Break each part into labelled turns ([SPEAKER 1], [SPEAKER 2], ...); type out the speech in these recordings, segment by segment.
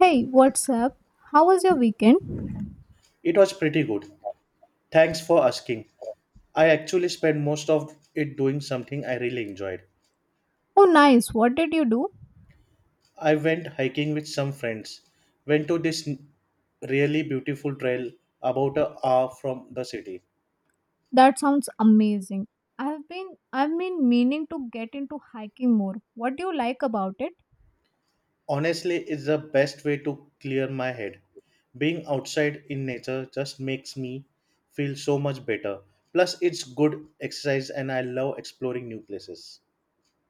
[SPEAKER 1] Hey, what's up? How was your weekend?
[SPEAKER 2] It was pretty good. Thanks for asking. I actually spent most of it doing something I really enjoyed.
[SPEAKER 1] Oh, nice. What did you do?
[SPEAKER 2] I went hiking with some friends, went to really beautiful trail about a hour from the city.
[SPEAKER 1] That sounds amazing. I've been meaning to get into hiking more. What do you like about it?
[SPEAKER 2] Honestly, it's the best way to clear my head. Being outside in nature just makes me feel so much better. Plus, it's good exercise and I love exploring new places.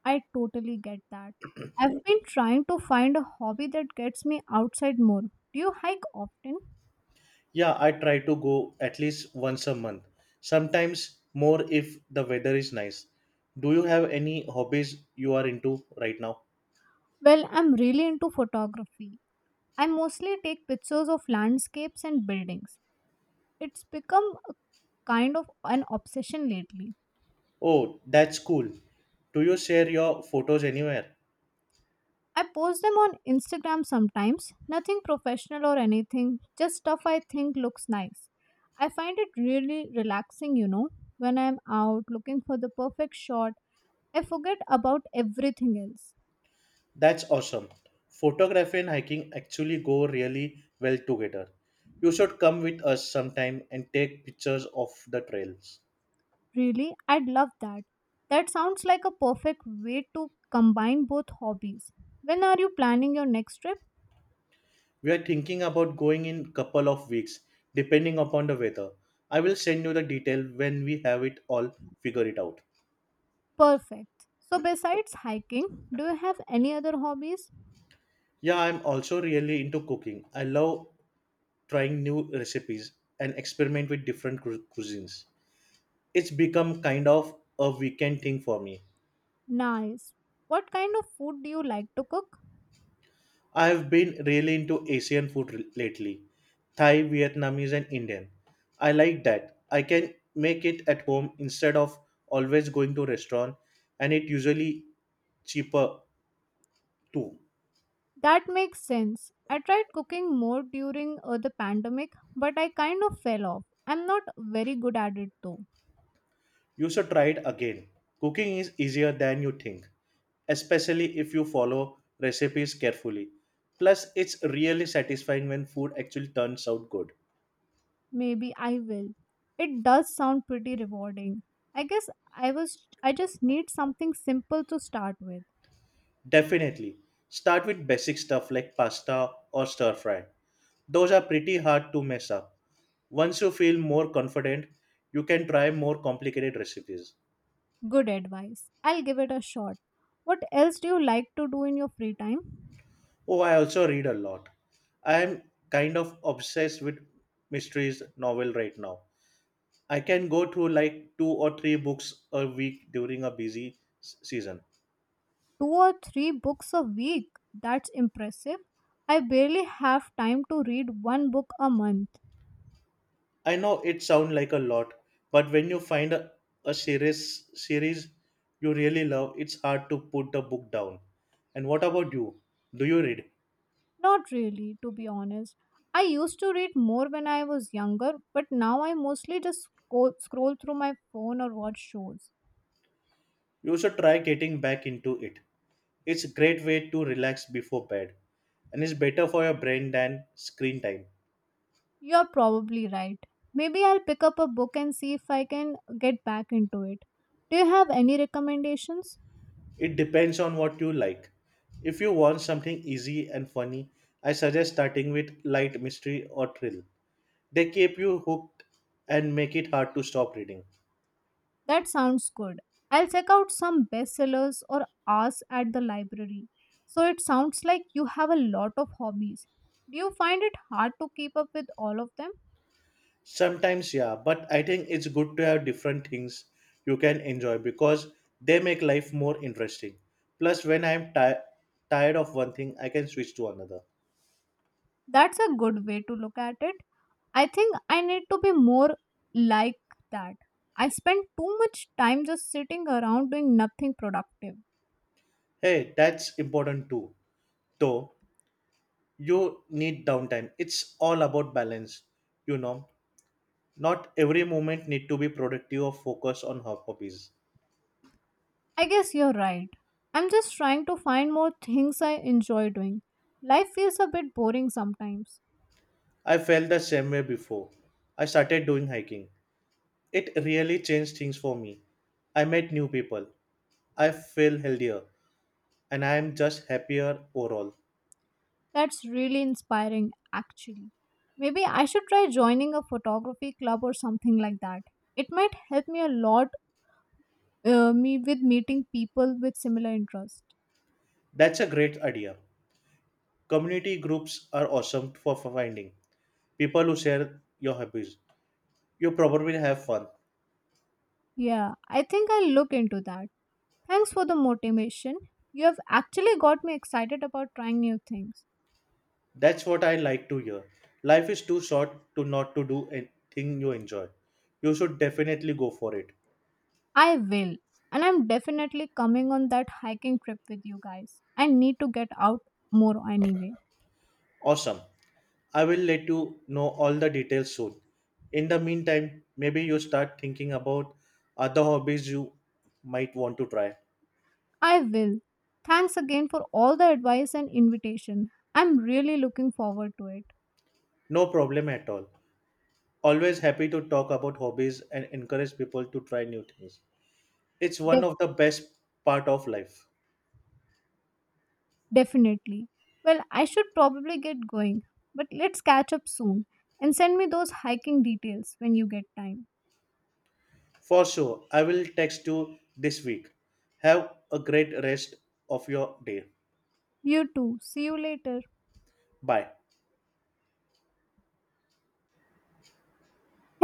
[SPEAKER 1] I totally get that. I've been trying to find a hobby that gets me outside more. Do you hike often?
[SPEAKER 2] Yeah, I try to go at least once a month, sometimes more if the weather is nice. Do you have any hobbies you are into right now?
[SPEAKER 1] Well, I'm really into photography. I mostly take pictures of landscapes and buildings. It's become a kind of an obsession lately.
[SPEAKER 2] Oh, that's cool. Do you share your photos anywhere?
[SPEAKER 1] I post them on Instagram sometimes, nothing professional or anything, just stuff I think looks nice. I find it really relaxing, you know, when I'm out looking for the perfect shot. I forget about everything else.
[SPEAKER 2] That's awesome. Photography and hiking actually go really well together. You should come with us sometime and take pictures of the trails.
[SPEAKER 1] Really, I'd love that. That sounds like a perfect way to combine both hobbies. When are you planning your next trip?
[SPEAKER 2] We are thinking about going in couple of weeks depending upon the weather. I will send you the detail when we have it all figured it out.
[SPEAKER 1] Perfect. So, besides hiking, do you have any other hobbies?
[SPEAKER 2] Yeah, I'm also really into cooking. I love trying new recipes and experiment with different cuisines. It's become kind of a weekend thing for me.
[SPEAKER 1] Nice. What kind of food do you like to cook?
[SPEAKER 2] I've been really into Asian food lately, Thai, Vietnamese, and Indian. I like that I can make it at home instead of always going to restaurant, and it usually cheaper too.
[SPEAKER 1] That makes sense. I tried cooking more during the pandemic, but I kind of fell off. I'm not very good at it though.
[SPEAKER 2] You should try it again. Cooking is easier than you think, especially if you follow recipes carefully. Plus, it's really satisfying when food actually turns out good.
[SPEAKER 1] Maybe I will. It does sound pretty rewarding. I guess I just need something simple to start with.
[SPEAKER 2] Definitely. Start with basic stuff like pasta or stir fry. Those are pretty hard to mess up. Once you feel more confident, you can try more complicated recipes.
[SPEAKER 1] Good advice. I'll give it a shot. What else do you like to do in your free time?
[SPEAKER 2] Oh, I also read a lot. I am kind of obsessed with mysteries novel right now. I can go through like two or three books a week during a season.
[SPEAKER 1] Two or three books a week. That's impressive. I barely have time to read one book a month.
[SPEAKER 2] I know it sounds like a lot, but when you find a series you really love, it's hard to put the book down. And what about you? Do you read?
[SPEAKER 1] Not really, to be honest. I used to read more when I was younger, but now I mostly just scroll through my phone or watch shows.
[SPEAKER 2] You should try getting back into it. It's a great way to relax before bed and it's better for your brain than screen time.
[SPEAKER 1] You're probably right. Maybe I'll pick up a book and see if I can get back into it. Do you have any recommendations?
[SPEAKER 2] It depends on what you like. If you want something easy and funny, I suggest starting with light mystery or thrill. They keep you hooked and make it hard to stop reading.
[SPEAKER 1] That sounds good. I'll check out some bestsellers or ask at the library. So it sounds like you have a lot of hobbies. Do you find it hard to keep up with all of them?
[SPEAKER 2] Sometimes, yeah, but I think it's good to have different things you can enjoy because they make life more interesting. Plus, when tired of one thing, I can switch to another.
[SPEAKER 1] That's a good way to look at it. I think I need to be more like that. I spend too much time just sitting around doing nothing productive.
[SPEAKER 2] Hey, that's important too. Though you need downtime. It's all about balance, you know. Not every moment need to be productive or focus on her hobbies.
[SPEAKER 1] I guess you're right. I'm just trying to find more things I enjoy doing. Life feels a bit boring sometimes.
[SPEAKER 2] I felt the same way before I started doing hiking. It really changed things for me. I met new people. I feel healthier and I am just happier overall.
[SPEAKER 1] That's really inspiring, actually. Maybe I should try joining a photography club or something like that. It might help me a lot me with meeting people with similar interests.
[SPEAKER 2] That's a great idea. Community groups are awesome for finding people who share your hobbies. You probably have fun.
[SPEAKER 1] Yeah, I think I'll look into that. Thanks for the motivation. You have actually got me excited about trying new things.
[SPEAKER 2] That's what I like to hear. Life is too short to not to do anything you enjoy. You should definitely go for it.
[SPEAKER 1] I will. And I'm definitely coming on that hiking trip with you guys. I need to get out more anyway.
[SPEAKER 2] Awesome. I will let you know all the details soon. In the meantime, maybe you start thinking about other hobbies you might want to try.
[SPEAKER 1] I will. Thanks again for all the advice and invitation. I'm really looking forward to it.
[SPEAKER 2] No problem at all. Always happy to talk about hobbies and encourage people to try new things. It's one
[SPEAKER 1] Def-
[SPEAKER 2] of the best part of life.
[SPEAKER 1] Definitely. Well, I should probably get going, but let's catch up soon and send me those hiking details when you get time.
[SPEAKER 2] For sure, I will text you this week. Have a great rest of your day.
[SPEAKER 1] You too. See you later.
[SPEAKER 2] Bye.